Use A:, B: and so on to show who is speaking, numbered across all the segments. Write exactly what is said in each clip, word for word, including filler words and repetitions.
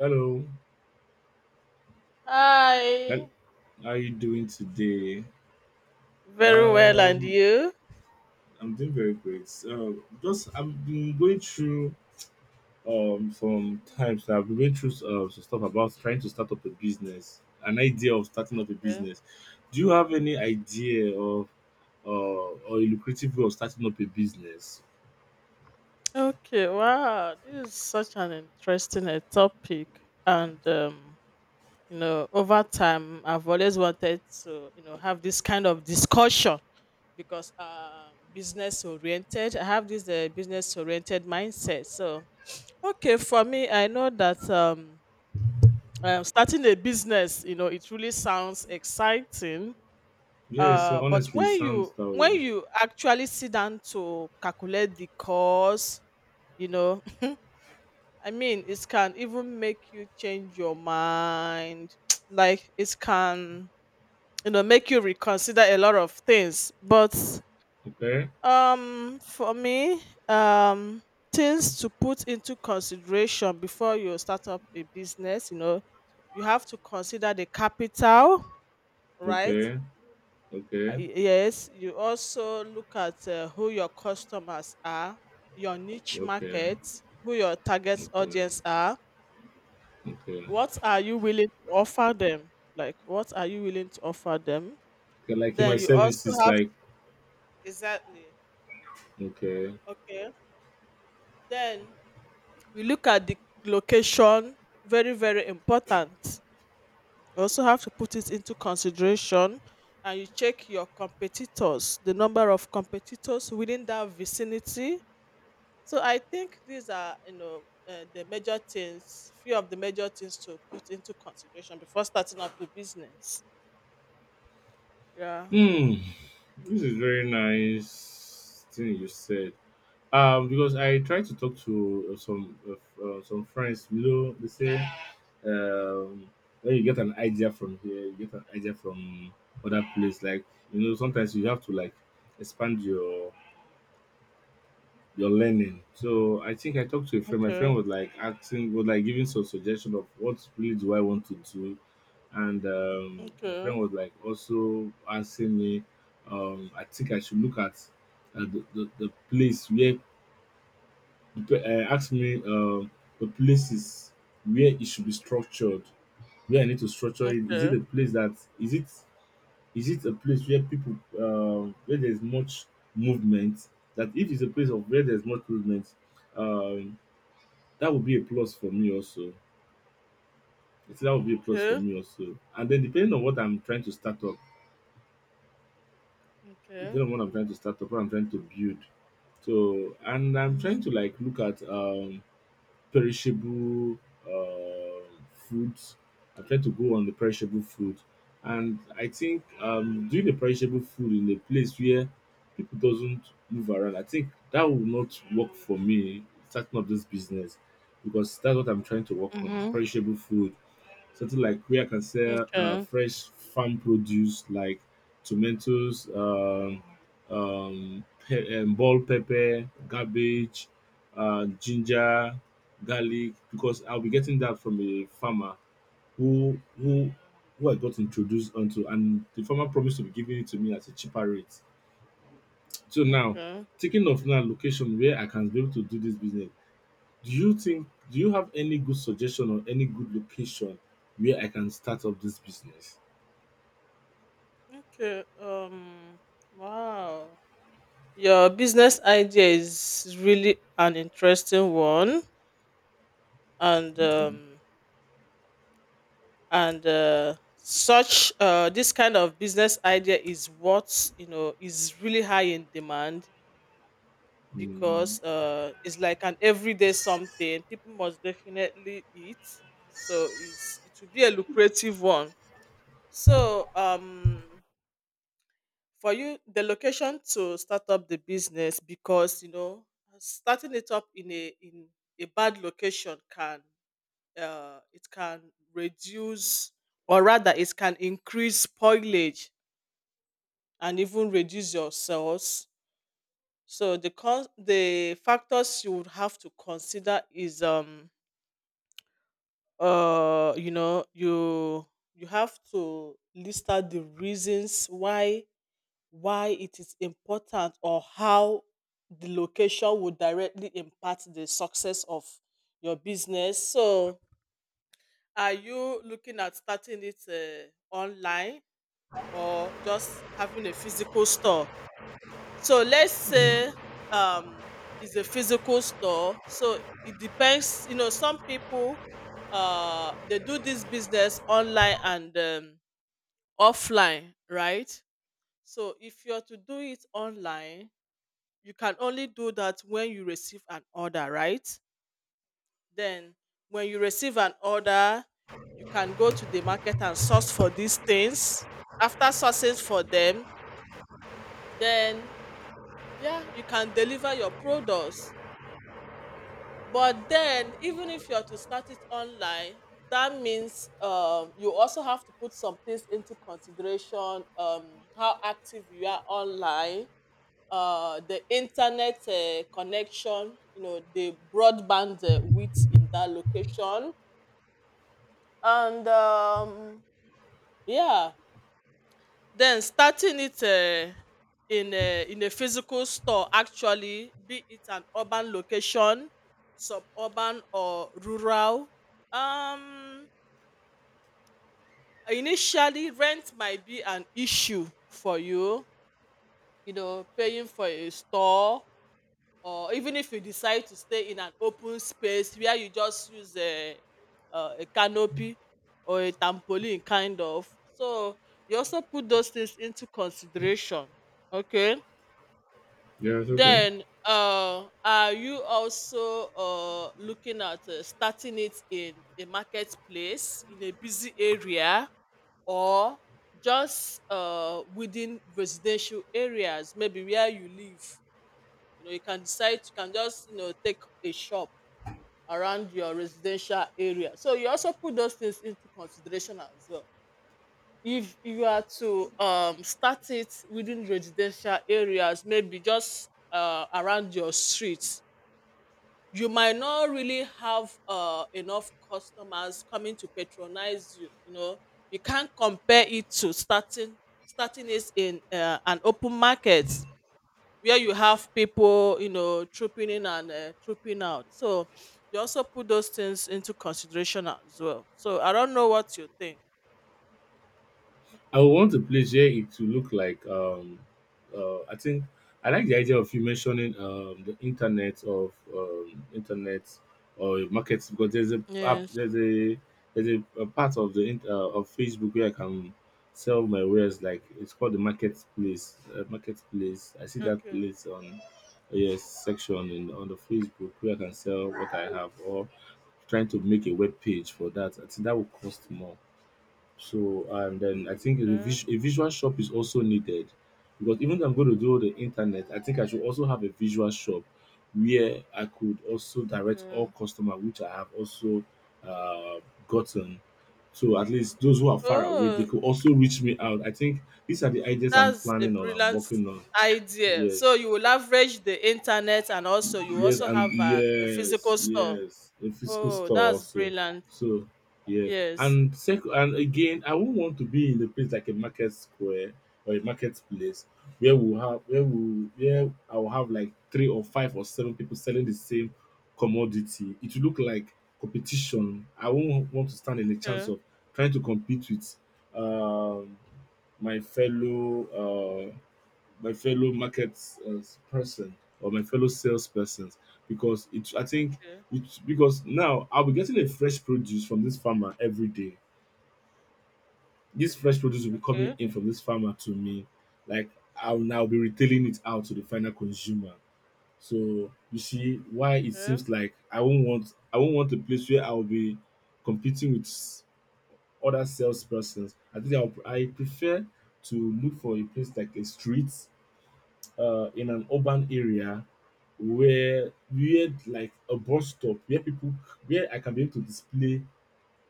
A: Hello. Hel-
B: Hi.
A: How are you doing today?
B: Very well, and
A: Um,
B: you?
A: I'm doing very great. So just I've been going through um some times I've been going through uh, some stuff about trying to start up a business, an idea of starting up a
B: Okay.
A: business. Do you have any idea of uh, or a lucrative way of starting up a business?
B: Okay. Wow, this is such an interesting uh, topic, and um, you know, over time, I've always wanted to, you know, have this kind of discussion because uh, business oriented. I have this uh, business oriented mindset. So, okay, for me, I know that um, uh, starting a business, you know, it really sounds exciting.
A: Yeah,
B: Uh,
A: so
B: but
A: honestly, it
B: when
A: sounds
B: you
A: that
B: when
A: way.
B: you actually sit down to calculate the cost, you know, I mean, it can even make you change your mind. Like it can, you know, make you reconsider a lot of things. But
A: Okay,
B: um, for me, um, things to put into consideration before you start up a business, you know, you have to consider the capital, right?
A: okay,
B: Uh,
A: okay,
B: yes, you also look at uh, who your customers are, your niche
A: okay,
B: market, who your target
A: okay,
B: audience are,
A: okay.
B: what are you willing to offer them? Like, what are you willing to offer them?
A: Okay, like in my
B: Then you also
A: services,
B: have
A: like
B: exactly
A: okay.
B: okay. Then you look at the location, very, very important. You also have to put it into consideration, and you check your competitors, the number of competitors within that vicinity. So I think these are, you know, uh, the major things, few of the major things to put into consideration before starting up the business. Yeah.
A: Hmm, this is very nice thing you said. Um, because I try to talk to uh, some uh, uh, some friends. You know, they say um, when you get an idea from here, you get an idea from other place. Like you know, sometimes you have to like expand your your learning. So I think I talked to a friend. My friend
B: Okay.
A: was like asking, was like giving some suggestion of what really do I want to do, and um, my
B: Okay.
A: friend was like also asking me. Um, I think I should look at uh, the, the the place where the pe- uh, asked me um the places where it should be structured, where I need to structure it. Is it
B: Okay.
A: a place that is it is it a place where people, um, where there's much movement? That if it's a place of where there's much movement, um, that would be a plus for me also. I think that would be a plus for
B: Okay.
A: me also. And then depending on what I'm trying to start up,
B: Okay.
A: depending on what I'm trying to start up, what I'm trying to build. So, and I'm trying to
B: Hmm.
A: like look at um perishable uh, foods. I try to go on the perishable food, and I think um, doing the perishable food in a place where people doesn't move around, I think that will not work for me starting up this business because that's what I'm trying to work on
B: Mm-hmm.
A: perishable food, something like where I can sell uh,
B: Okay.
A: fresh farm produce like tomatoes, um, um, pe- um, ball pepper, cabbage, uh, ginger, garlic, because I'll be getting that from a farmer who who who I got introduced onto, and the farmer promised to be giving it to me at a cheaper rate. So now,
B: Okay.
A: thinking of now location where I can be able to do this business, do you think, do you have any good suggestion or any good location where I can start up this business?
B: Okay. Um. Wow. Your business idea is really an interesting one, and
A: Okay.
B: um, and uh, such uh, this kind of business idea is what, you know, is really high in demand
A: Mm.
B: because uh, it's like an everyday something people must definitely eat, so it's, it will be a lucrative one. So um for you, the location to start up the business, because you know, starting it up in a in a bad location can, uh, it can reduce, or rather it can increase spoilage and even reduce your cells. So the con- the factors you would have to consider is um uh you know, you you have to list out the reasons why why it is important, or how the location would directly impact the success of your business. So are you looking at starting it uh, online, or just having a physical store? So let's say um it's a physical store. So it depends, you know, some people uh they do this business online and um, offline, right? So if you're to do it online, you can only do that when you receive an order, right? Then when you receive an order, you can go to the market and source for these things. After sourcing for them, then yeah, you can deliver your products. But then, even if you're to start it online, that means um, you also have to put some things into consideration: um, how active you are online, uh, the internet uh, connection, you know, the broadband uh, width in that location. And um, yeah. Then starting it uh, in a in a physical store, actually, be it an urban location, suburban or rural, um initially rent might be an issue for you, you know, paying for a store, or even if you decide to stay in an open space where you just use a uh, a canopy or a trampoline kind of. So you also put those things into consideration. Okay.
A: Yes, okay.
B: Then, uh, are you also uh, looking at uh, starting it in a marketplace, in a busy area, or just uh, within residential areas, maybe where you live? You know, you can decide, you can just, you know, take a shop around your residential area. So you also put those things into consideration as well. If you are to um, start it within residential areas, maybe just uh, around your street, you might not really have uh, enough customers coming to patronize you. You know, you can't compare it to starting starting is in uh, an open market where you have people, you know, trooping in and uh, trooping out. So you also put those things into consideration as well. So I don't know what you think.
A: I would want a place where it will look like um uh I think I like the idea of you mentioning um the internet of um internet or markets because there's a app,
B: Yes.
A: there's a there's a, a part of the int- uh, of Facebook where I can sell my wares, like it's called the marketplace, uh, marketplace. I see that
B: Okay.
A: place on yes section in on the Facebook where I can sell what I have, or trying to make a web page for that, I think that would cost more. So, and then I think a
B: Okay,
A: vis a visual shop is also needed, because even though I'm going to do the internet, I think I should also have a visual shop where I could also direct all
B: okay.
A: customer which I have also, uh, gotten. So at least those who are far away, they
B: Oh,
A: could also reach me out. I think these are the ideas I'm
B: that's a
A: planning on, I'm
B: brilliant
A: working on.
B: idea. So
A: Yes,
B: you will leverage the internet, and also you
A: yes,
B: also
A: and
B: have an, a
A: yes,
B: physical store.
A: yes, a physical
B: Oh,
A: store
B: that's
A: also.
B: brilliant.
A: So yes,
B: Yes.
A: and sec- and again, I won't want to be in a place like a market square or a marketplace, where we'll have, where we where I'll have like three or five or seven people selling the same commodity. It will look like competition. I won't want to stand in a chance
B: Okay.
A: of trying to compete with um my fellow uh, my fellow market uh, person, or my fellow salespersons, because it I think
B: Okay.
A: it, because now I'll be getting a fresh produce from this farmer every day. This fresh produce will be coming
B: Okay.
A: in from this farmer to me. Like I'll now be retailing it out to the final consumer. So you see why it
B: Okay.
A: seems like I won't want I won't want a place where I'll be competing with s- other salespersons. I think I'll, I prefer to look for a place like a street uh, in an urban area, where we had like a bus stop where people, where I can be able to display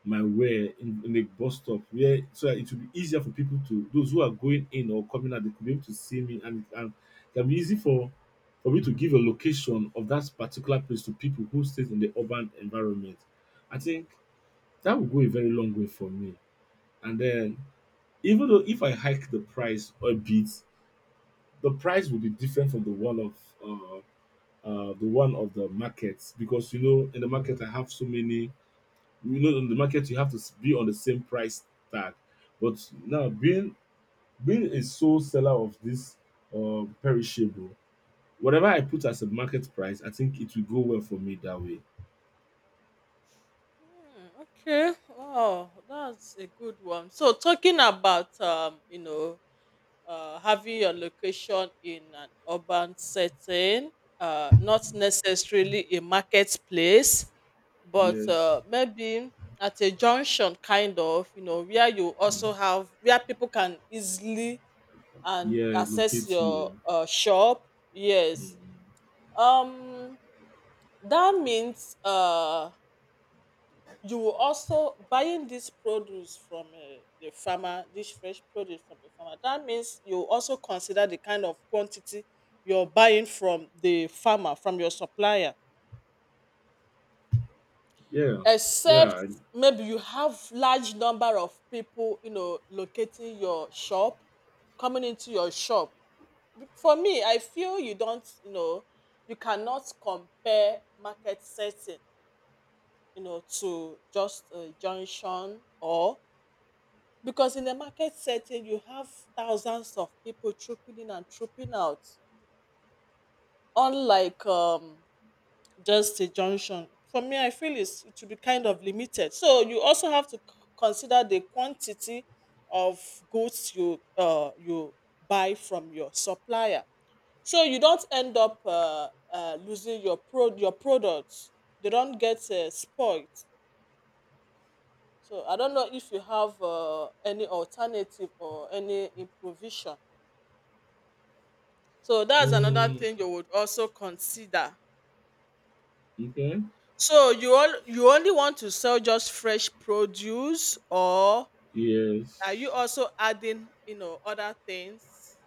A: my wear in, in a bus stop, where so that it will be easier for people, to those who are going in or coming out, they could be able to see me, and, and it can be easy for for me to give a location of that particular place to people who stays in the urban environment. I think that will go a very long way for me. And then even though
B: Mhm.
A: if I hike the price a bit, the price will be different from the one of uh, uh, the one of the markets, because you know in the market I have so many. You know in the market you have to s- be on the same price tag, but now being being a sole seller of this uh, perishable, whatever I put as a market price, I think it will go well for me that way.
B: Okay. Wow, that's a good one. So talking about um, you know, uh, having your location in an urban setting, uh, not necessarily a marketplace, but
A: Yes,
B: uh, maybe at a junction, kind of, you know, where you also have where people can easily and
A: yes,
B: access
A: locate
B: your
A: you.
B: uh, shop.
A: Mm.
B: Yes, um, that means uh, you will also buying this produce from uh, the farmer, this fresh produce from the farmer. That means you also consider the kind of quantity you're buying from the farmer, from your supplier,
A: Yeah,
B: except
A: yeah. I-
B: maybe you have large number of people, you know, locating your shop, coming into your shop. For me, I feel you don't, you know, you cannot compare market setting, you know, to just a junction, or because in the market setting, you have thousands of people trooping in and trooping out, unlike um, just a junction. For me, I feel it's, it should be kind of limited. So you also have to c- consider the quantity of goods you uh, you buy from your supplier. So you don't end up uh, uh, losing your pro your products. They don't get uh, spoiled. So I don't know if you have uh, any alternative or any improvisation. So that's another
A: Mm,
B: thing you would also consider.
A: okay.
B: So you all you only want to sell just fresh produce, or are you
A: Yes.
B: also adding, you know, other things?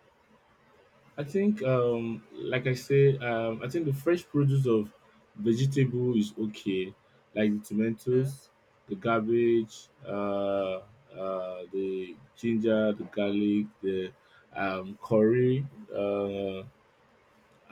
A: I think, um, like I say, um, I think the fresh produce of vegetable is okay, like the
B: Okay.
A: tomatoes, the cabbage, uh, uh, the ginger, the garlic, the um, curry. Uh,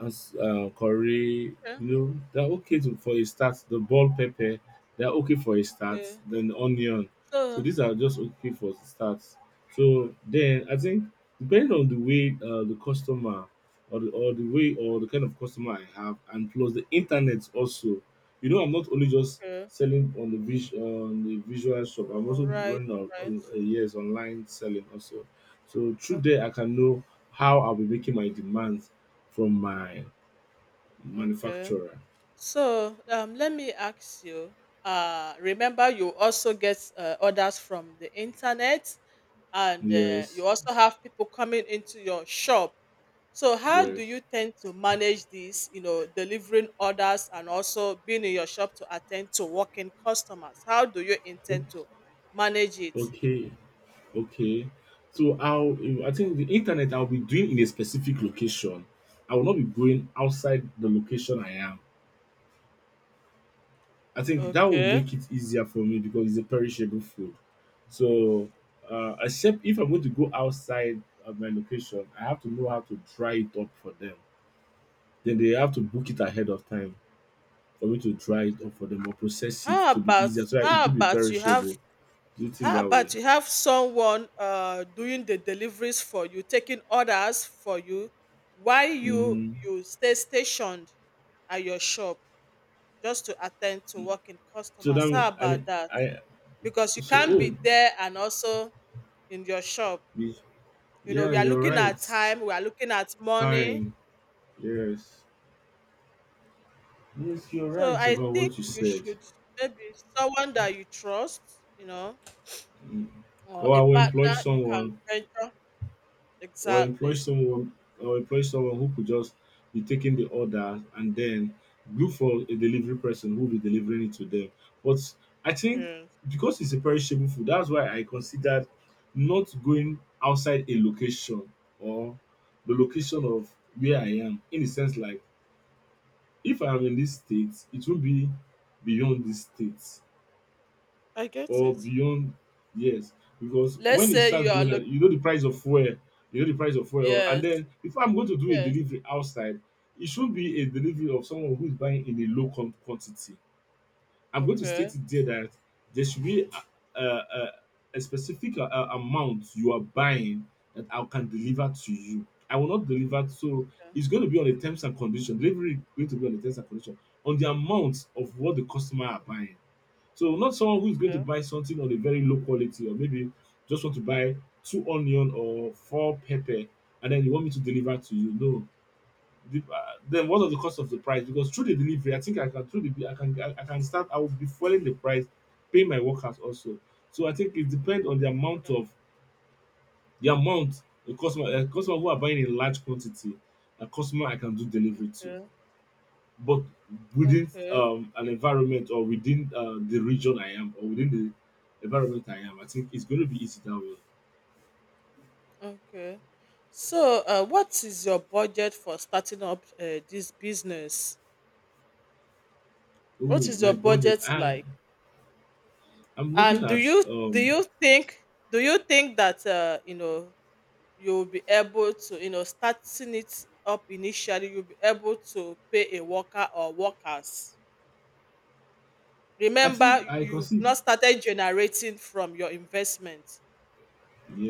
A: as uh, Corey, you
B: Okay.
A: know, they're okay to, for a start. The ball pepper, they're okay for a start.
B: Okay.
A: Then the onion. So
B: So
A: these are just okay for starts. So then I think depending on the way uh, the customer, or the, or the way or the kind of customer I have, and plus the internet also. You know, I'm not only just
B: okay.
A: selling on the vis- on the visual shop. I'm
B: All
A: also
B: right.
A: running on,
B: Right.
A: on uh, yes online selling also. So through
B: Okay.
A: there, I can know how I'll be making my demands from my
B: Okay.
A: manufacturer.
B: So um let me ask you, uh remember you also get uh, orders from the internet, and uh,
A: Yes,
B: you also have people coming into your shop. So how do you
A: yes.
B: tend to manage this, you know, delivering orders and also being in your shop to attend to working customers? How do you intend to
A: O-
B: manage it?
A: Okay, okay. So I'll, I think the internet I'll be doing in a specific location. I will not be going outside the location I am. I think that will
B: Okay.
A: make it easier for me because it's a perishable food. So, uh, except if I'm going to go outside of my location, I have to know how to dry it up for them. Then they have to book it ahead of time for me to dry it up for them or process it
B: How
A: to be
B: about
A: easier so that it
B: how
A: will be
B: about you have
A: perishable. Do you think
B: how
A: that way?
B: about you have someone uh doing the deliveries for you, taking orders for you, while you
A: Hmm.
B: you stay stationed at your shop, just to attend to working
A: So
B: customers?
A: that
B: How
A: I
B: about that?
A: I
B: Because you
A: So
B: can't
A: oh,
B: be there and also in your shop.
A: y-
B: You know,
A: yeah,
B: we are
A: you're
B: looking
A: right.
B: at time, we are looking at money.
A: Time, yes, yes, you're
B: So
A: right
B: I
A: about
B: think
A: what you
B: you
A: said.
B: should maybe someone that you trust, you know,
A: Mm.
B: or
A: Or I
B: a
A: will employ
B: partner you can
A: someone,
B: venture.
A: or employ
B: Exactly.
A: someone or employ someone who could just be taking the order, and then look for a delivery person who'll be delivering it to them. But I think
B: Yes.
A: because it's a perishable food, that's why I considered not going outside a location, or the location of where I am. In the sense like if I am in this state, it will be beyond this state
B: I get
A: or
B: it.
A: beyond, yes, because
B: Let's
A: when it
B: say
A: starts
B: you are
A: going up,
B: looking.
A: you know the price of fuel, you know the price of fuel and
B: Yes.
A: then if I'm going to do a
B: Yes.
A: delivery outside, it should be a delivery of someone who is buying in a low com- quantity. I'm going to state
B: Okay.
A: it there that there should be a, a, a, a specific uh, uh, amount you are buying that I can deliver to you, I will not deliver. So
B: Okay.
A: it's going to be on the terms and condition, delivery is going to be on the terms and condition on the amount of what the customer are buying. So not someone who's going to
B: Okay.
A: buy something on a very low quality, or maybe just want to buy two onion or four pepper and then you want me to deliver to you. No. The, uh, then what are the cost of the price? Because through the delivery, I think I can, through the I can, I, I can start. I will be following the price, pay my workers also. So I think it depends on the amount of, the amount the customer, a customer who are buying in large quantity, a customer I can do delivery to,
B: Okay.
A: but within
B: Okay.
A: um, an environment, or within uh, the region I am, or within the environment I am, I think it's going to be easy that way.
B: Okay. So, uh, what is your budget for starting up uh, this business?
A: Oh,
B: What is
A: my
B: your
A: budget.
B: budget
A: I,
B: like?
A: I'm
B: And
A: looking
B: do
A: at,
B: you do
A: um,
B: you think do you think that uh, you know, you'll be able to, you know, starting it up initially, you'll be able to pay a worker or workers?
A: I think
B: Remember,
A: I
B: you've
A: conceive.
B: not started generating from your investment,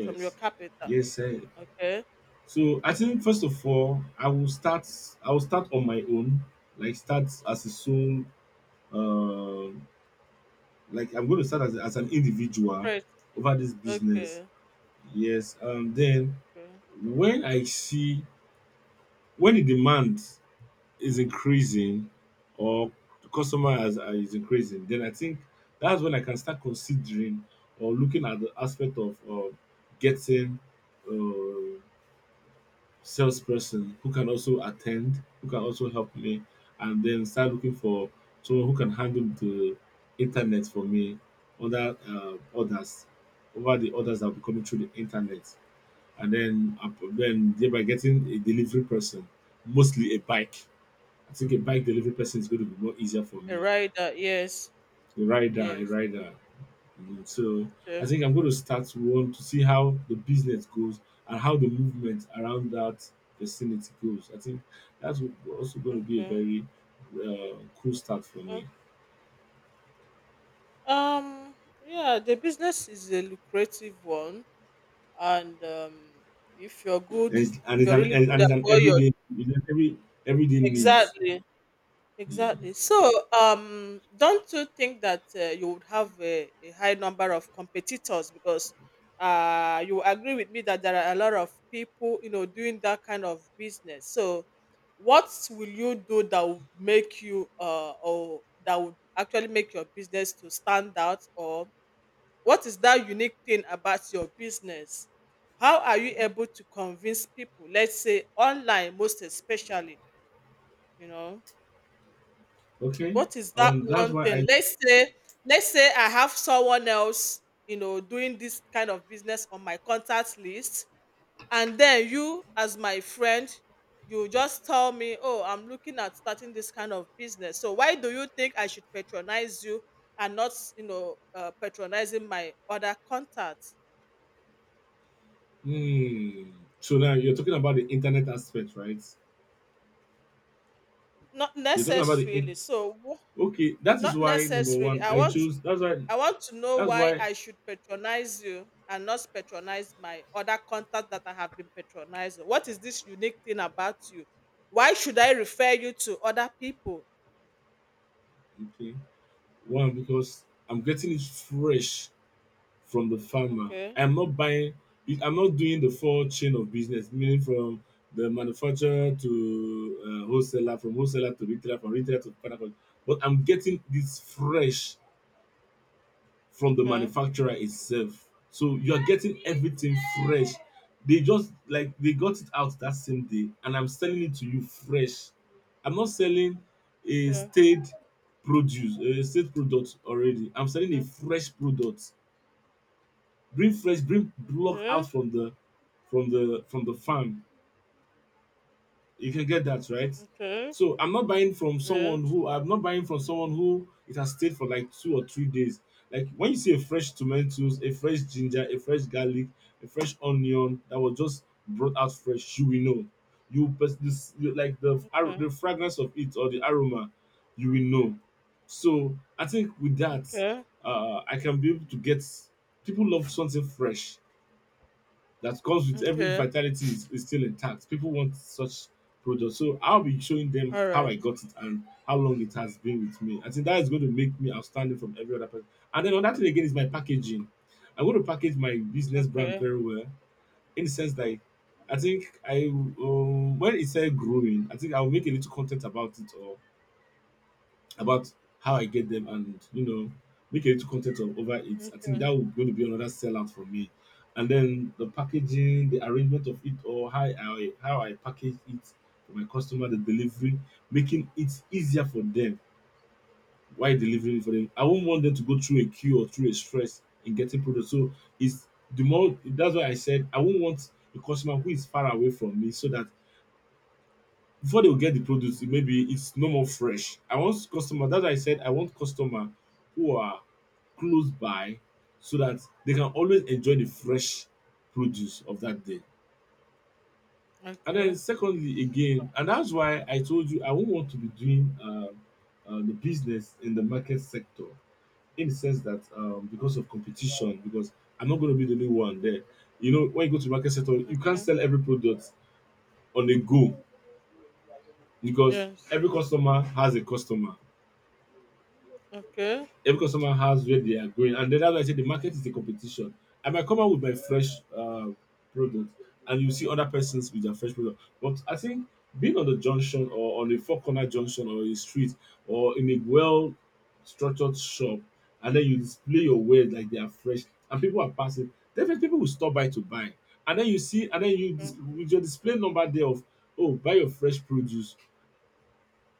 B: from your capital.
A: Yes, sir.
B: Okay.
A: So I think first of all, I will start, I will start on my own, like start as a sole, um like I'm going to start as, as an individual
B: Right.
A: over this business.
B: Okay.
A: Yes. Um, then
B: Okay.
A: when I see when the demand is increasing or the customer has are is increasing, then I think that's when I can start considering or looking at the aspect of um getting um salesperson who can also attend, who can also help me, and then start looking for someone who can handle the internet for me, other um orders over the orders that will be coming through the internet, and then ap then thereby getting a delivery person, mostly a bike. I think a bike delivery person is going to be more easier for
B: A
A: me.
B: rider. Yes.
A: A rider, a
B: Yes.
A: rider. You know. So I
B: Okay.
A: think I'm going to start one to see how the business goes and how the movement around that vicinity goes. I think that's also going to be a
B: Okay.
A: very uh, cool start for me.
B: Okay. Um. Yeah, the business is a lucrative one, and um, if you're
A: And
B: good,
A: it's, and
B: if
A: it's
B: you're
A: an
B: really good
A: and it's
B: at
A: an
B: what you're
A: everyday it's an every Everyday needs.
B: exactly,
A: Mm.
B: exactly. So, um, don't you think that uh, you would have a, a high number of competitors, because uh, you agree with me that there are a lot of people, you know, doing that kind of business. So, what will you do that would make you uh or that would actually make your business to stand out, or what is that unique thing about your business? How are you able to convince people, let's say online most especially, you know?
A: Okay.
B: What is that
A: Um. That's
B: one
A: why I.
B: thing? Let's say let's say I have someone else, you know, doing this kind of business on my contact list, and then you as my friend you just tell me, oh, I'm looking at starting this kind of business. So why do you think I should patronize you and not, you know, uh, patronizing my other contacts?
A: Mm. So now you're talking about the internet aspect, right?
B: Not
A: You're talking about the in-
B: necessarily, so wh-
A: Okay, that is
B: not
A: why number
B: necessarily.
A: one
B: I
A: I
B: want,
A: chose that's why
B: I want to know
A: that's
B: why
A: why
B: I should patronize you and not patronize my other contact that I have been patronizing. What is this unique thing about you? Why should I refer you to other people?
A: okay, one because I'm getting it fresh from the farmer.
B: Okay.
A: I'm not buying it I'm not doing the full chain of business, meaning from the manufacturer to uh, wholesaler, from wholesaler to retailer, from retailer to final con- but I'm getting this fresh from the
B: Okay.
A: manufacturer itself. So you are getting everything fresh. They just like they got it out that same day, and I'm selling it to you fresh. I'm not selling a
B: Okay.
A: stayed produce, a stayed product already. I'm selling a
B: Mm.
A: fresh product. Bring fresh, bring block
B: Okay.
A: out from the from the from the farm. You can get that, right?
B: Okay.
A: So I'm not buying from someone
B: Yes,
A: who I'm not buying from someone who it has stayed for like two or three days. Like when you see a fresh tomatoes, a fresh ginger, a fresh garlic, a fresh onion that was just brought out fresh, you will know. You pers- this you- Like the ar-
B: okay.
A: the fragrance of it or the aroma, you will know. So I think with that,
B: Okay.
A: uh, I can be able to get people love something fresh that comes with every
B: Okay.
A: vitality is, is still intact. People want such products. So I'll be showing them
B: All
A: how
B: right.
A: I got it and how long it has been with me. I think that is going to make me outstanding from every other person. And then another thing again is my packaging. I'm going to package my business brand
B: Okay.
A: very well in the sense that I I think I um, when it's said growing, I think I'll make a little content about it or about how I get them, and you know, make a little content of over it. I think
B: Okay.
A: that would going to be another sellout for me. And then the packaging, the arrangement of it, or how I how I package it for my customer, the delivery, making it easier for them while delivering it for them. I won't want them to go through a queue or through a stress in getting product. So it's the more that's why I said I won't want a customer who is far away from me so that before they will get the produce it maybe it's no more fresh. I want customer That's why I said I want customer who are close by so that they can always enjoy the fresh produce of that day. And then
B: Okay.
A: secondly again, and that's why I told you I won't want to be doing um um the business in the market sector, in the sense that um because of competition, because I'm not gonna be the only one there. You know when you go to market sector you can't
B: Mm.
A: sell every product on the go, because
B: Yes.
A: every customer has a customer
B: Okay.
A: every customer has where they are going, and then that's why I say the market is the competition. I might come out with my fresh uh, product and you see other persons with their fresh product, but I think being on the junction or on a four corner junction or a street or in a well structured shop, and then you display your wares like they are fresh and people are passing, definitely people will stop by to buy. And then you see and then you
B: Mm.
A: dis- with your display number there of, oh, buy your fresh produce,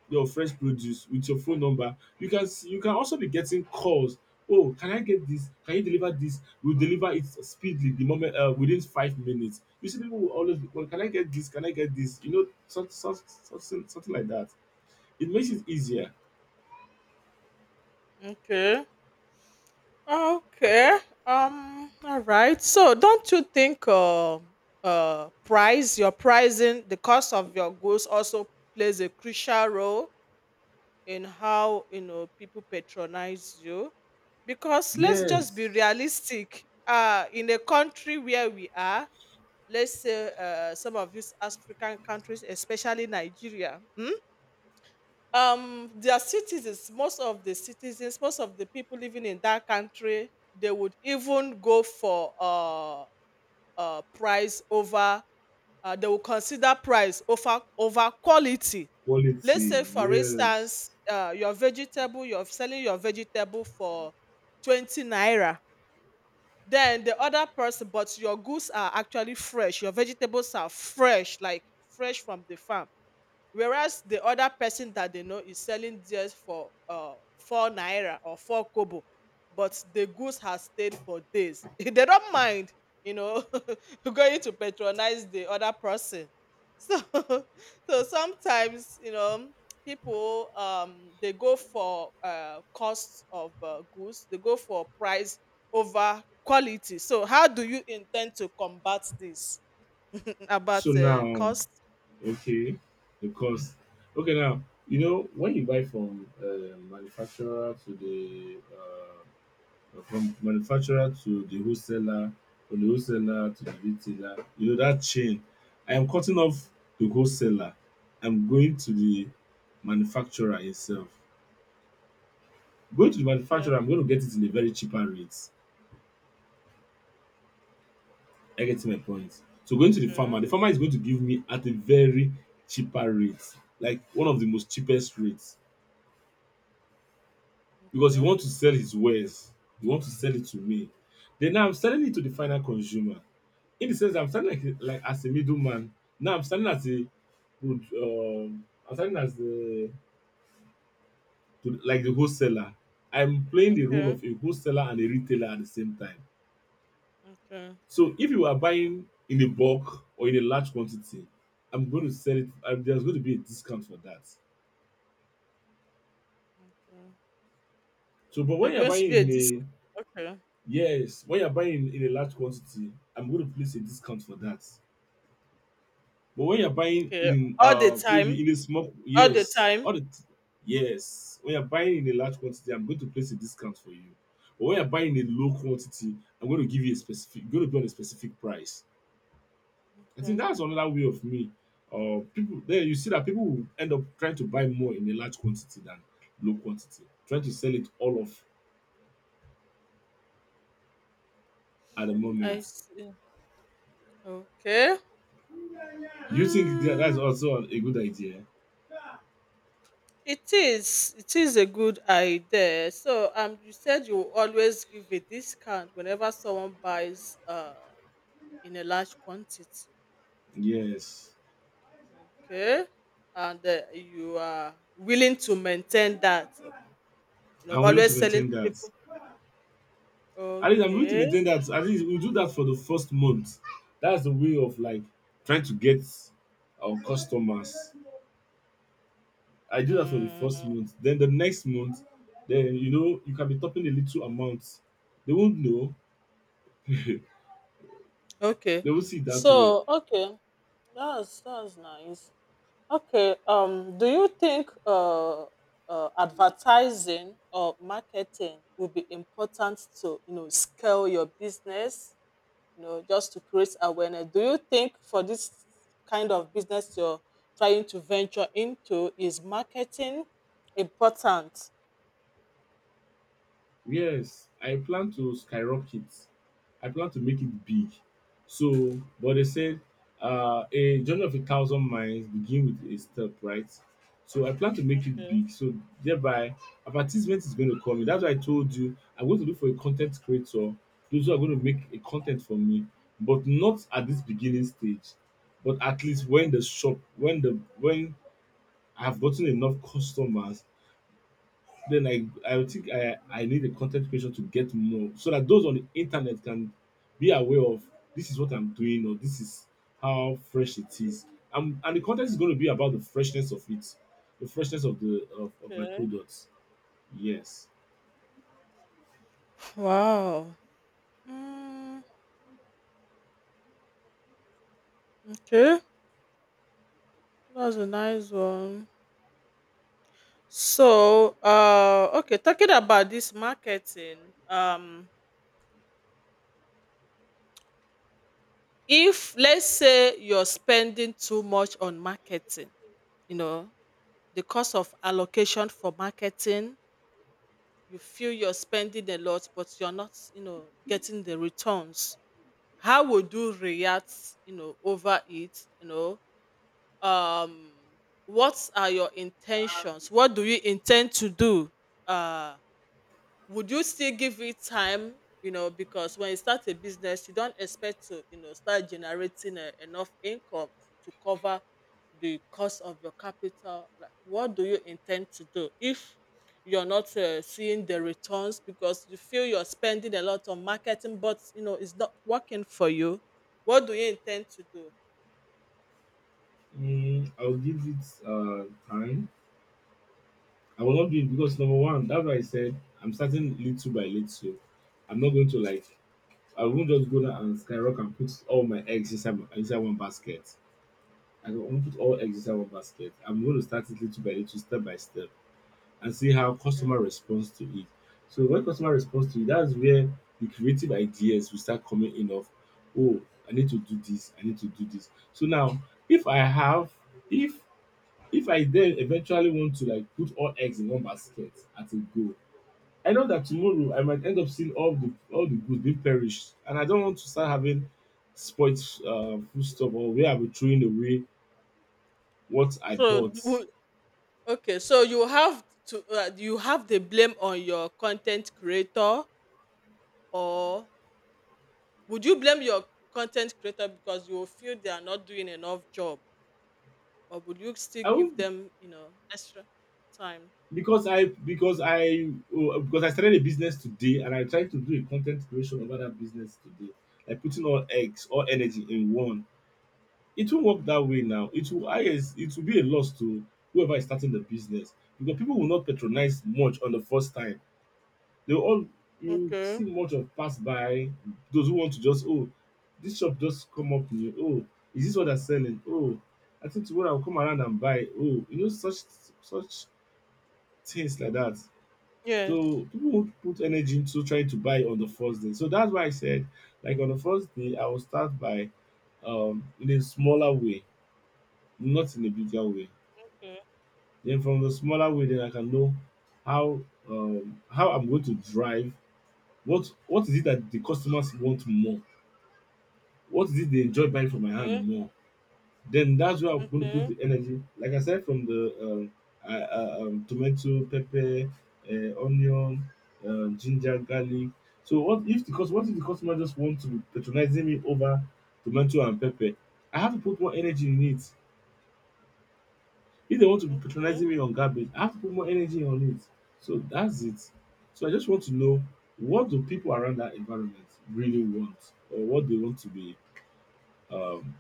A: your fresh produce with your phone number. You can s- you can also be getting calls. Oh, can I get this? Can you deliver this? We'll deliver it speedily the moment uh, within five minutes. You see, people will always be, well, can I get this? Can I get this? You know, such, such, something, something like that. It makes it easier.
B: Okay. Okay. Um. All right. So, don't you think uh, uh price your pricing the cost of your goods also plays a crucial role in how, you know, people patronize you? Because let's just be
A: Yes,
B: realistic. Uh, in a country where we are, let's say uh, some of these African countries, especially Nigeria. Hmm? um their citizens, most of the citizens most of the people living in that country, they would even go for uh uh price over— uh, they will consider price over over quality. Let's
A: quality.
B: say, for instance,
A: Yes.
B: uh, your vegetable, you're selling your vegetable for twenty naira, then the other person— but your goods are actually fresh, your vegetables are fresh, like fresh from the farm, whereas the other person that they know is selling theirs for uh four naira or four kobo, but the goods has stayed for days. They don't mind, you know going to patronize the other person. So so sometimes, you know people, um they go for uh cost of uh, goods, they go for price over quality. So how do you intend to combat this,
A: So
B: about uh,
A: now,
B: cost?
A: okay, because okay now you know when you buy from uh, manufacturer to the uh, from manufacturer to the wholesaler, from the wholesaler to the retailer, you know that chain. I am cutting off the wholesaler. I'm going to the manufacturer itself. Going to the
B: Okay,
A: manufacturer, I'm going to get it in a very cheaper rate. I get my point? So going to the farmer,
B: okay,
A: the farmer is going to give me at a very cheaper rate, like one of the most cheapest rates, because he
B: okay.
A: want to sell his wares. He want to sell it to me. Then now I'm selling it to the final consumer, in the sense I'm standing like like as a middleman. Now I'm standing as a good um I'm standing as the to, like the wholesaler. I'm playing the role
B: Okay,
A: of a wholesaler and a retailer at the same time.
B: okay,
A: So if you are buying in a bulk or in a large quantity, I'm going to sell it. I, There's going to be a discount for that.
B: okay.
A: So, but
B: You're
A: when you're
B: going to be a
A: buying in
B: disc—
A: a
B: okay,
A: yes, when you're buying in a large quantity, I'm going to place a discount for that. But when you're buying
B: okay.
A: in
B: All the
A: uh
B: time,
A: maybe in a small,
B: all the
A: yes,
B: time.
A: all the t- yes, when you're buying in a large quantity, I'm going to place a discount for you. But when you're buying in a low quantity, I'm going to give you a specific going to be on a specific price. I think
B: Okay,
A: that's another way of me. Uh people there you see that people will end up trying to buy more in a large quantity than low quantity, trying to sell it all off at the
B: I
A: moment.
B: see. Okay.
A: Do you think that that's
B: Mm.
A: also a good idea?
B: it is. It is a good idea. So, um, you said you will always give a discount whenever someone buys uh in a large quantity.
A: Yes.
B: Okay, and uh, you are willing to maintain that. You know,
A: I'm willing to
B: always selling
A: maintain
B: to
A: that.
B: people.
A: At least I'm going to
B: Okay.
A: maintain that. At least we'll do that for the first month. That's the way of like trying to get our customers. I do that for the first
B: Mm.
A: month. Then the next month, then you know you can be topping a little amount. They won't know.
B: Okay.
A: They will see it that way.
B: So, okay. That's that's nice. Okay. Um, do you think uh, uh advertising or marketing will be important to, you know, scale your business, you know, just to create awareness? Do you think for this kind of business you're trying to venture into, is marketing important?
A: Yes, I plan to skyrocket. I plan to make it big. So, but they said uh, a journey of a thousand miles begin with a step, right? So I plan to make it
B: Okay.
A: big. So thereby, advertisement is going to come in. That's why I told you I'm going to look for a content creator. Those who are going to make a content for me, but not at this beginning stage. But at least when
B: Okay.
A: the shop, when the when I have gotten enough customers, then I I would think I I need a content creation to get more so that those on the internet can be aware of this is what I'm doing or this is how fresh it is. Um, and the content is going to be about the freshness of it, the freshness of the of, of my
B: Okay.
A: products. Yes.
B: Wow. Mm, okay. That's a nice one. So, uh, okay, talking about this marketing, um, if let's say you're spending too much on marketing, you know, the cost of allocation for marketing, you feel you're spending a lot, but you're not, you know, getting the returns. How would you react, you know, over it? You know, um, what are your intentions? What do you intend to do? Uh, would you still give it time? You know, because when you start a business, you don't expect to, you know, start generating uh, enough income to cover the cost of your capital. Like, what do you intend to do if you're not uh, seeing the returns, because you feel you're spending a lot on marketing, but you know it's not working for you? What do you intend to do?
A: Mm, I'll give it uh time. I will not do it because number one, that's why I said I'm starting little by little. I'm not going to like I won't just go there and skyrocket and put all my eggs inside my, inside one basket. I don't want to put all eggs inside one basket. I'm going to start it little by little, step by step, and see how
B: Okay.
A: customer responds to it. So when customer responds to it, that's where the creative ideas will start coming in of, oh, I need to do this, I need to do this. So now, if I have, if if I then eventually want to like put all eggs in one basket at a go, I know that tomorrow I might end up seeing all the all the goods being perished, and I don't want to start having spoiled uh, food stuff or where I'll be throwing away what I
B: so
A: bought.
B: d- wo- okay, so you have to uh, you have the blame on your content creator, or— would you blame your content creator because you will feel they are not doing enough job, or would you still
A: I
B: give
A: would
B: them, you know, extra time?
A: because I because I oh, because I started a business today and I try to do a content creation over that business today, like putting all eggs, all energy in one. It won't work that way now. It will I guess it will be a loss to whoever is starting the business because people will not patronize much on the first time. They all you
B: Okay.
A: see much of pass by those who want to just, oh, this shop just come up new, oh, is this what they're selling, oh, I think tomorrow I'll come around and buy, oh, you know such such things like that.
B: Yes.
A: So people would put energy into trying to buy on the first day. So that's why I said like on the first day I will start by um in a smaller way, not in a bigger way.
B: Okay.
A: Then from the smaller way then I can know how um how I'm going to drive. What what is it that the customers want more? What is it they enjoy buying from my hand
B: Okay.
A: more? Then that's where I'm going to put
B: Okay.
A: the energy. Like I said, from the um, uh, uh, um, tomato, pepper, uh, onion, um, ginger, garlic. So what if the cus- what if the customer just want to be patronizing me over tomato and pepper? I have to put more energy in it. If they want to be
B: Okay.
A: patronizing me on garbage, I have to put more energy on it. So that's it. So I just want to know what do people around that environment really want or what they want to be um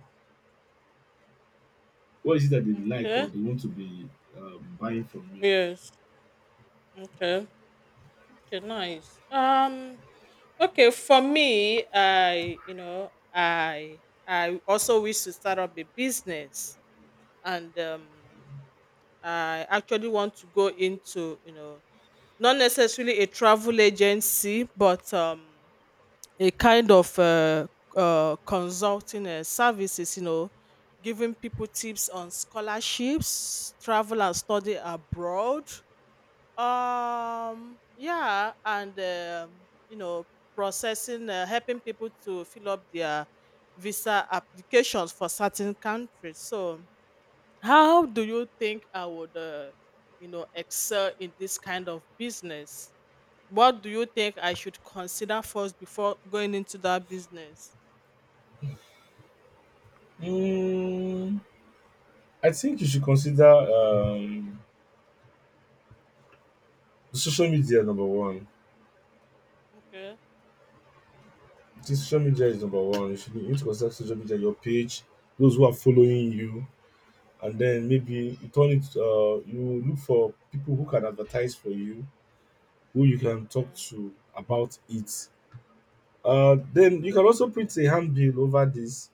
A: what is it that they like or
B: Okay.
A: they want to be um, buying from me?
B: Yes. Okay. Okay. Nice. Um. Okay. For me, I, you know, I, I also wish to start up a business, and um, I actually want to go into, you know— not necessarily a travel agency, but um, a kind of uh, uh, consulting uh, services, you know, giving people tips on scholarships, travel and study abroad. Um, yeah, and, um, you know, processing, uh, helping people to fill up their visa applications for certain countries. So, how do you think I would, uh, you know, excel in this kind of business? What do you think I should consider first before going into that business?
A: Mm, I think you should consider um, social media number one.
B: Okay.
A: I think social media is number one. You should you need to consider social media, your page, those who are following you, and then maybe you turn it. Uh, you look for people who can advertise for you, who you can talk
B: Okay.
A: to about it. Uh, then you can also print a handbill over this,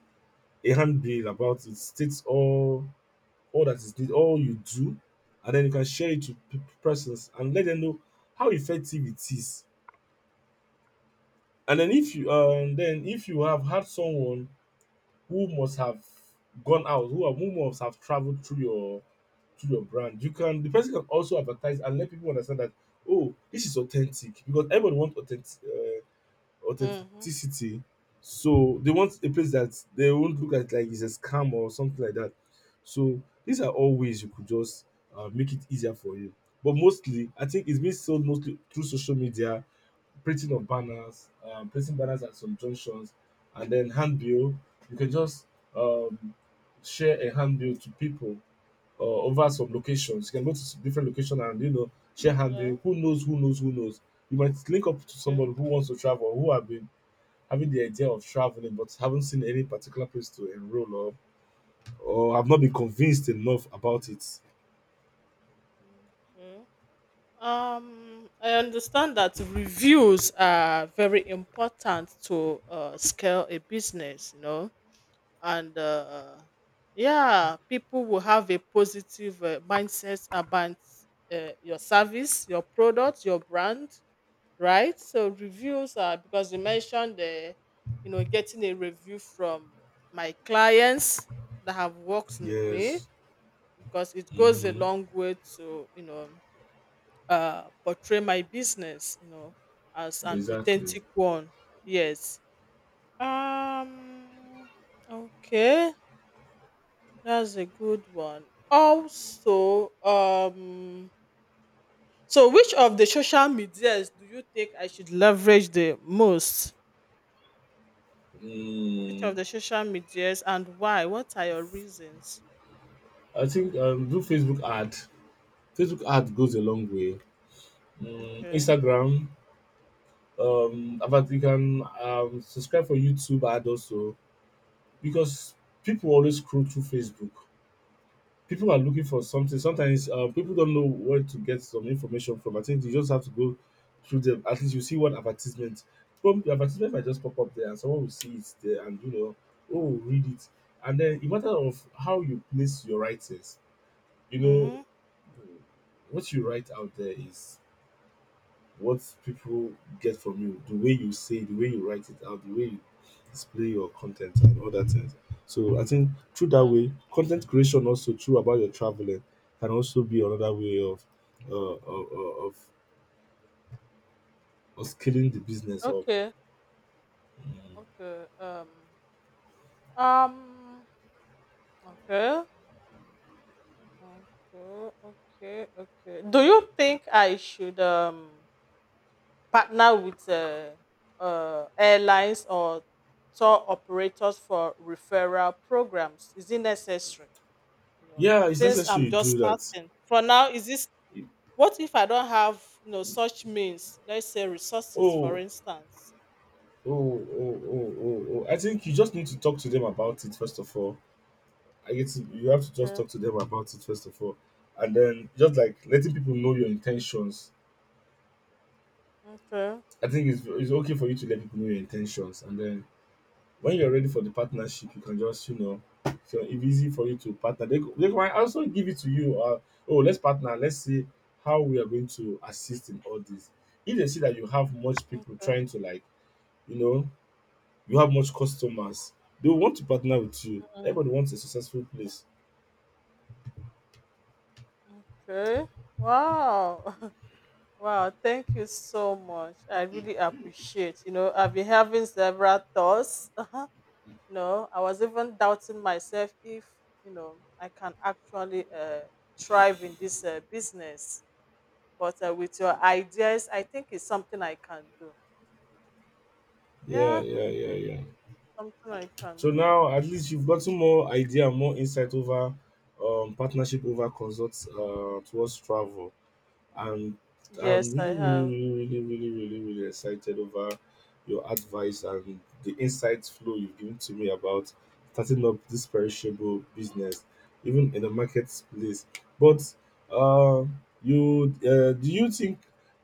A: a handbill about it, states all all that is need, all you do, and then you can share it to p- persons and let them know how effective it is. And then if you um, then if you have had someone who must have gone out, who, have, who must have traveled through your to your brand, you can the person can also advertise and let people understand that, oh, this is authentic because everybody wants authentic uh,
B: Mm-hmm.
A: authenticity. So they want a place that they won't look at like it's a scam or something like that. So these are all ways you could just uh, make it easier for you. But mostly, I think it's being sold mostly through social media, printing of banners, um, printing banners at some junctions, and then handbill. You can just um, share a handbill to people uh, over some locations. You can go to s- different locations and you know share handbill.
B: Hello.
A: Who knows? Who knows? Who knows? You might link up to
B: Okay.
A: somebody who wants to travel, who have been having the idea of traveling, but haven't seen any particular place to enroll or or I've not been convinced enough about it.
B: Okay. Um, I understand that reviews are very important to uh, scale a business, you know, and uh, yeah, people will have a positive uh, mindset about uh, your service, your product, your brand, right? So reviews are— because you mentioned the, you know, getting a review from my clients that have worked with me,
A: Yes.
B: because it goes a
A: Hmm.
B: long way to, you know, uh, portray my business, you know, as an
A: Exactly.
B: authentic one. Yes. Um. Okay, that's a good one. Also, um. So, which of the social medias do you think I should leverage the most? Which
A: Mm.
B: of the social medias, and why? What are your reasons?
A: I think um, do Facebook ad. Facebook ad goes a long way. Mm,
B: Okay.
A: Instagram. Um, about you can um, subscribe for YouTube ad also because people always scroll through Facebook. People are looking for something. Sometimes uh, people don't know where to get some information from. I think you just have to go through them. At least you see one advertisement. From the advertisement might just pop up there, and someone will see it there, and you know, oh, read it. And then, in matter of how you place your writings, you know,
B: Mm-hmm.
A: what you write out there is what people get from you, the way you say, the way you write it out, the way you display your content and other things. So I think through that
B: Yeah.
A: way, content creation also through about your traveling can also be another way of uh, of, of, of scaling the business up.
B: Okay. Okay. Um. Um. Okay. Okay. Okay. Okay. Do you think I should um partner with uh, uh airlines or tour operators for referral programs? Is it necessary? No.
A: Yeah, it's
B: Since
A: necessary
B: I'm
A: you
B: just
A: do that.
B: starting. For now, is this— what if I don't have, you know, such means, let's say resources, for
A: Oh,
B: instance?
A: oh, oh, oh, oh, oh. I think you just need to talk to them about it first of all. I get to, you have to just talk
B: Okay,
A: to them about it first of all, and then just like letting people know your intentions.
B: okay,
A: I think it's it's okay for you to let people know your intentions, and then when you're ready for the partnership, you can just, you know, so it's easy for you to partner. They go- they might also give it to you. Uh, oh, let's partner. Let's see how we are going to assist in all this. If they see that you have much people
B: okay,
A: trying to, like, you know, you have much customers, they will want to partner with you.
B: mm,
A: Everybody wants a successful place.
B: okay. Wow, wow, thank you so much. I really appreciate, you know, I've been having several thoughts. Uh-huh. You know, I was even doubting myself if, you know, I can actually uh, thrive in this uh, business. But uh, with your ideas, I think it's something I can do.
A: Yeah,
B: Yeah,
A: yeah, yeah, yeah.
B: something I can
A: So
B: do.
A: now at least you've gotten more idea, more insight over um partnership over consult uh towards travel. And I'm
B: Yes, I
A: really, really,
B: have.
A: really, really, really, really, really excited over your advice and the insight flow you've given to me about starting up this perishable business, even in the marketplace. But uh, you, uh, do you think?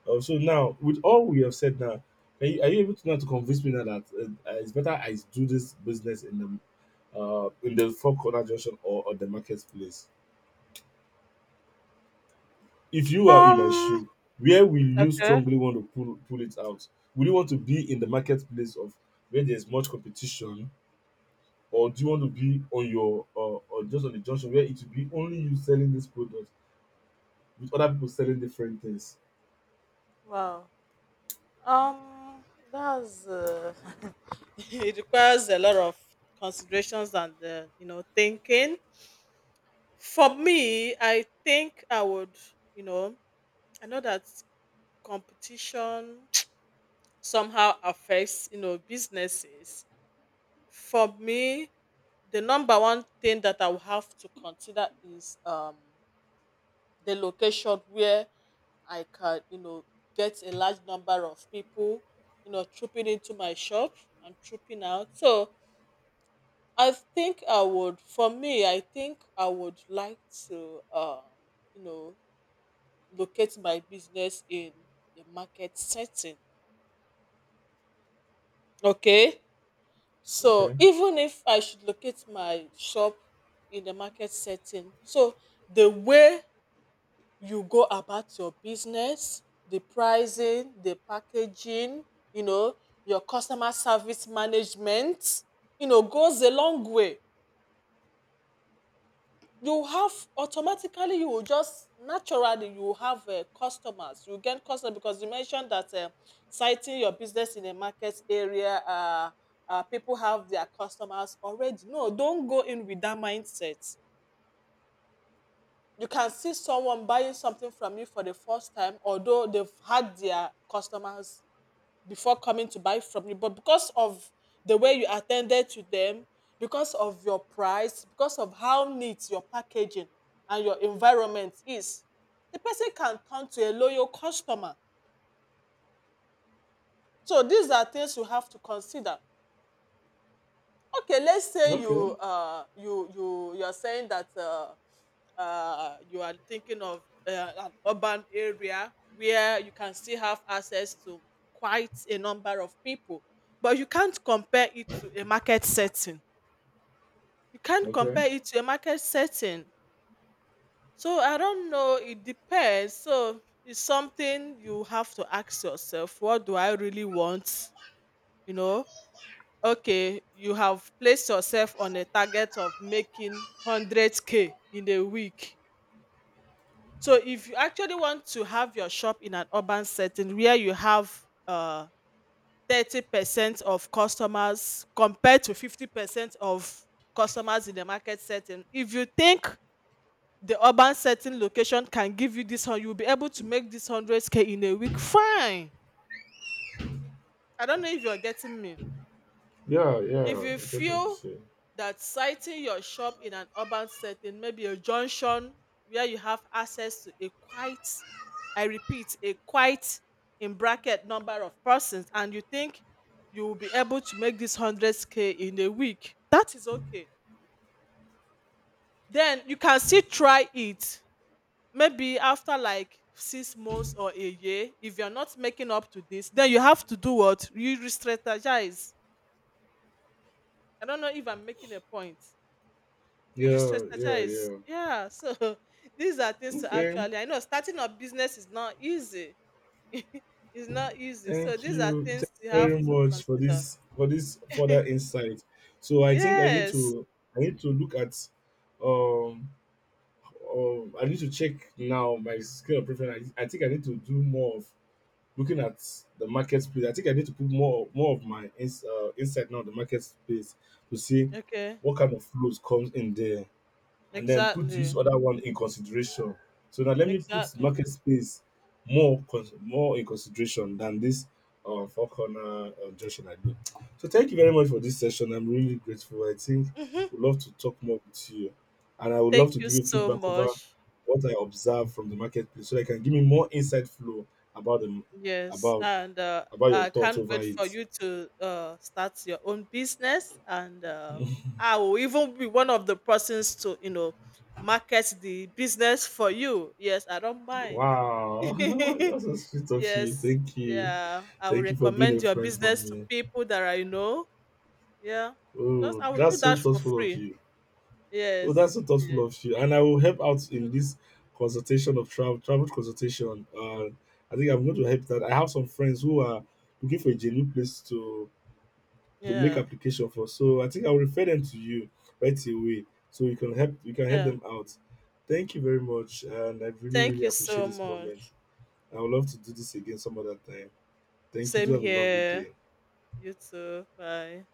A: Uh, so now, with all we have said now, can you, are you able to now to convince me now that uh, uh, it's better I do this business in the uh, in the four corner junction or, or the marketplace? If you are in my
B: Um.
A: shoe, where will you
B: Okay.
A: strongly want to pull pull it out? Will you want to be in the marketplace of where there's much competition, or do you want to be on your uh, or just on the junction where it will be only you selling this product with other people selling different things?
B: Wow. Um, that's uh, it requires a lot of considerations and, uh, you know, thinking. For me, I think I would, you know, I know that competition somehow affects, you know, businesses. For me, the number one thing that I will have to consider is um the location where I can, you know, get a large number of people, you know, trooping into my shop and trooping out. So I think I would— for me, I think I would like to, um, you know, locate my business in a market setting. Okay. So
A: Okay,
B: even if I should locate my shop in the market setting, so the way you go about your business, the pricing, the packaging, you know, your customer service management, you know, goes a long way. You have automatically— you will just naturally, you will have uh, customers. You gain customers, because you mentioned that uh, citing your business in a market area, uh, uh, people have their customers already. No, don't go in with that mindset. You can see someone buying something from you for the first time, although they've had their customers before coming to buy from you. But because of the way you attended to them, because of your price, because of how neat your packaging and your environment is, the person can turn to a loyal customer. So these are things you have to consider. Okay, let's say
A: okay,
B: you uh you you you're saying that uh uh, you are thinking of uh, an urban area where you can still have access to quite a number of people, but you can't compare it to a market setting. You can't
A: okay.
B: compare it to a market setting. So I don't know. It depends. So it's something you have to ask yourself. What do I really want? You know. Okay, you have placed yourself on a target of making one hundred k in a week. So if you actually want to have your shop in an urban setting where you have uh thirty percent of customers compared to fifty percent of customers in the market setting, if you think the urban setting location can give you this one, you'll be able to make this one hundred k in a week. Fine. I don't know if you're getting me.
A: Yeah,
B: If
A: yeah.
B: you
A: I get what you
B: feel
A: say.
B: that citing your shop in an urban setting, maybe a junction where you have access to a quite— I repeat, a quite in bracket number of persons, and you think you will be able to make this one hundred k in a week, that is okay. Then you can still try it. Maybe after like six months or a year, if you're not making up to this, then you have to do what? You re strategize. I don't know if I'm making a point. You
A: Yeah, yeah,
B: re-strategize.
A: yeah.
B: Yeah. So these are things to—
A: Okay.
B: actually, I know starting a business is not easy. It's not easy. So
A: Thank
B: these are
A: you. Thank
B: things you
A: you
B: have
A: very
B: to
A: much for
B: consider.
A: this for this further insight. So I think I need
B: Yes.
A: to I need to look at um Um, I need to check now my scale of preference. I, I think I need to do more of looking at the marketplace. I think I need to put more more of my ins, uh, insight now on the marketplace to see
B: Okay.
A: what kind of flows comes in there and then put this
B: Exactly.
A: other one in consideration. So now let me put
B: Exactly.
A: market space more cons- more in consideration than this uh, four corner uh, junction I do. So thank you very much for this session. I'm really grateful. I think
B: Hmm.
A: would love to talk more with you, and I would
B: Thank
A: love to
B: you
A: give you
B: so
A: feedback over
B: much.
A: what I observe from the marketplace, so that you can give me more insight flow about the
B: Yes,
A: about
B: and uh,
A: about your
B: I
A: thoughts
B: can't
A: over
B: wait for
A: it.
B: you to, uh, start your own business, and uh, I will even be one of the persons to, you know, market the business for you. Yes, I don't mind.
A: Wow, that's so sweet of you.
B: Yes,
A: Thank you.
B: yeah, I will
A: Thank you for being a
B: recommend your
A: friend for
B: business to
A: me.
B: people that I know. Yeah, just
A: Oh,
B: I will
A: that's
B: do
A: so
B: that for
A: thoughtful of
B: free.
A: you. Oh, that's
B: Yes,
A: so
B: yes.
A: thoughtful of you. And I will help out in
B: Mhm.
A: this consultation of travel travel consultation. Uh, I think I'm going to help that. I have some friends who are looking for a genuine place to to make
B: Yeah,
A: application for. So I think I will refer them to you right away. So you can help you can help
B: yeah.
A: them out. Thank you very much. And I really,
B: Thank
A: really
B: you
A: appreciate
B: so
A: this moment.
B: much.
A: I would love to do this again some other time. Thank you. Do
B: Same
A: have a lovely
B: here.
A: day.
B: You too. Bye.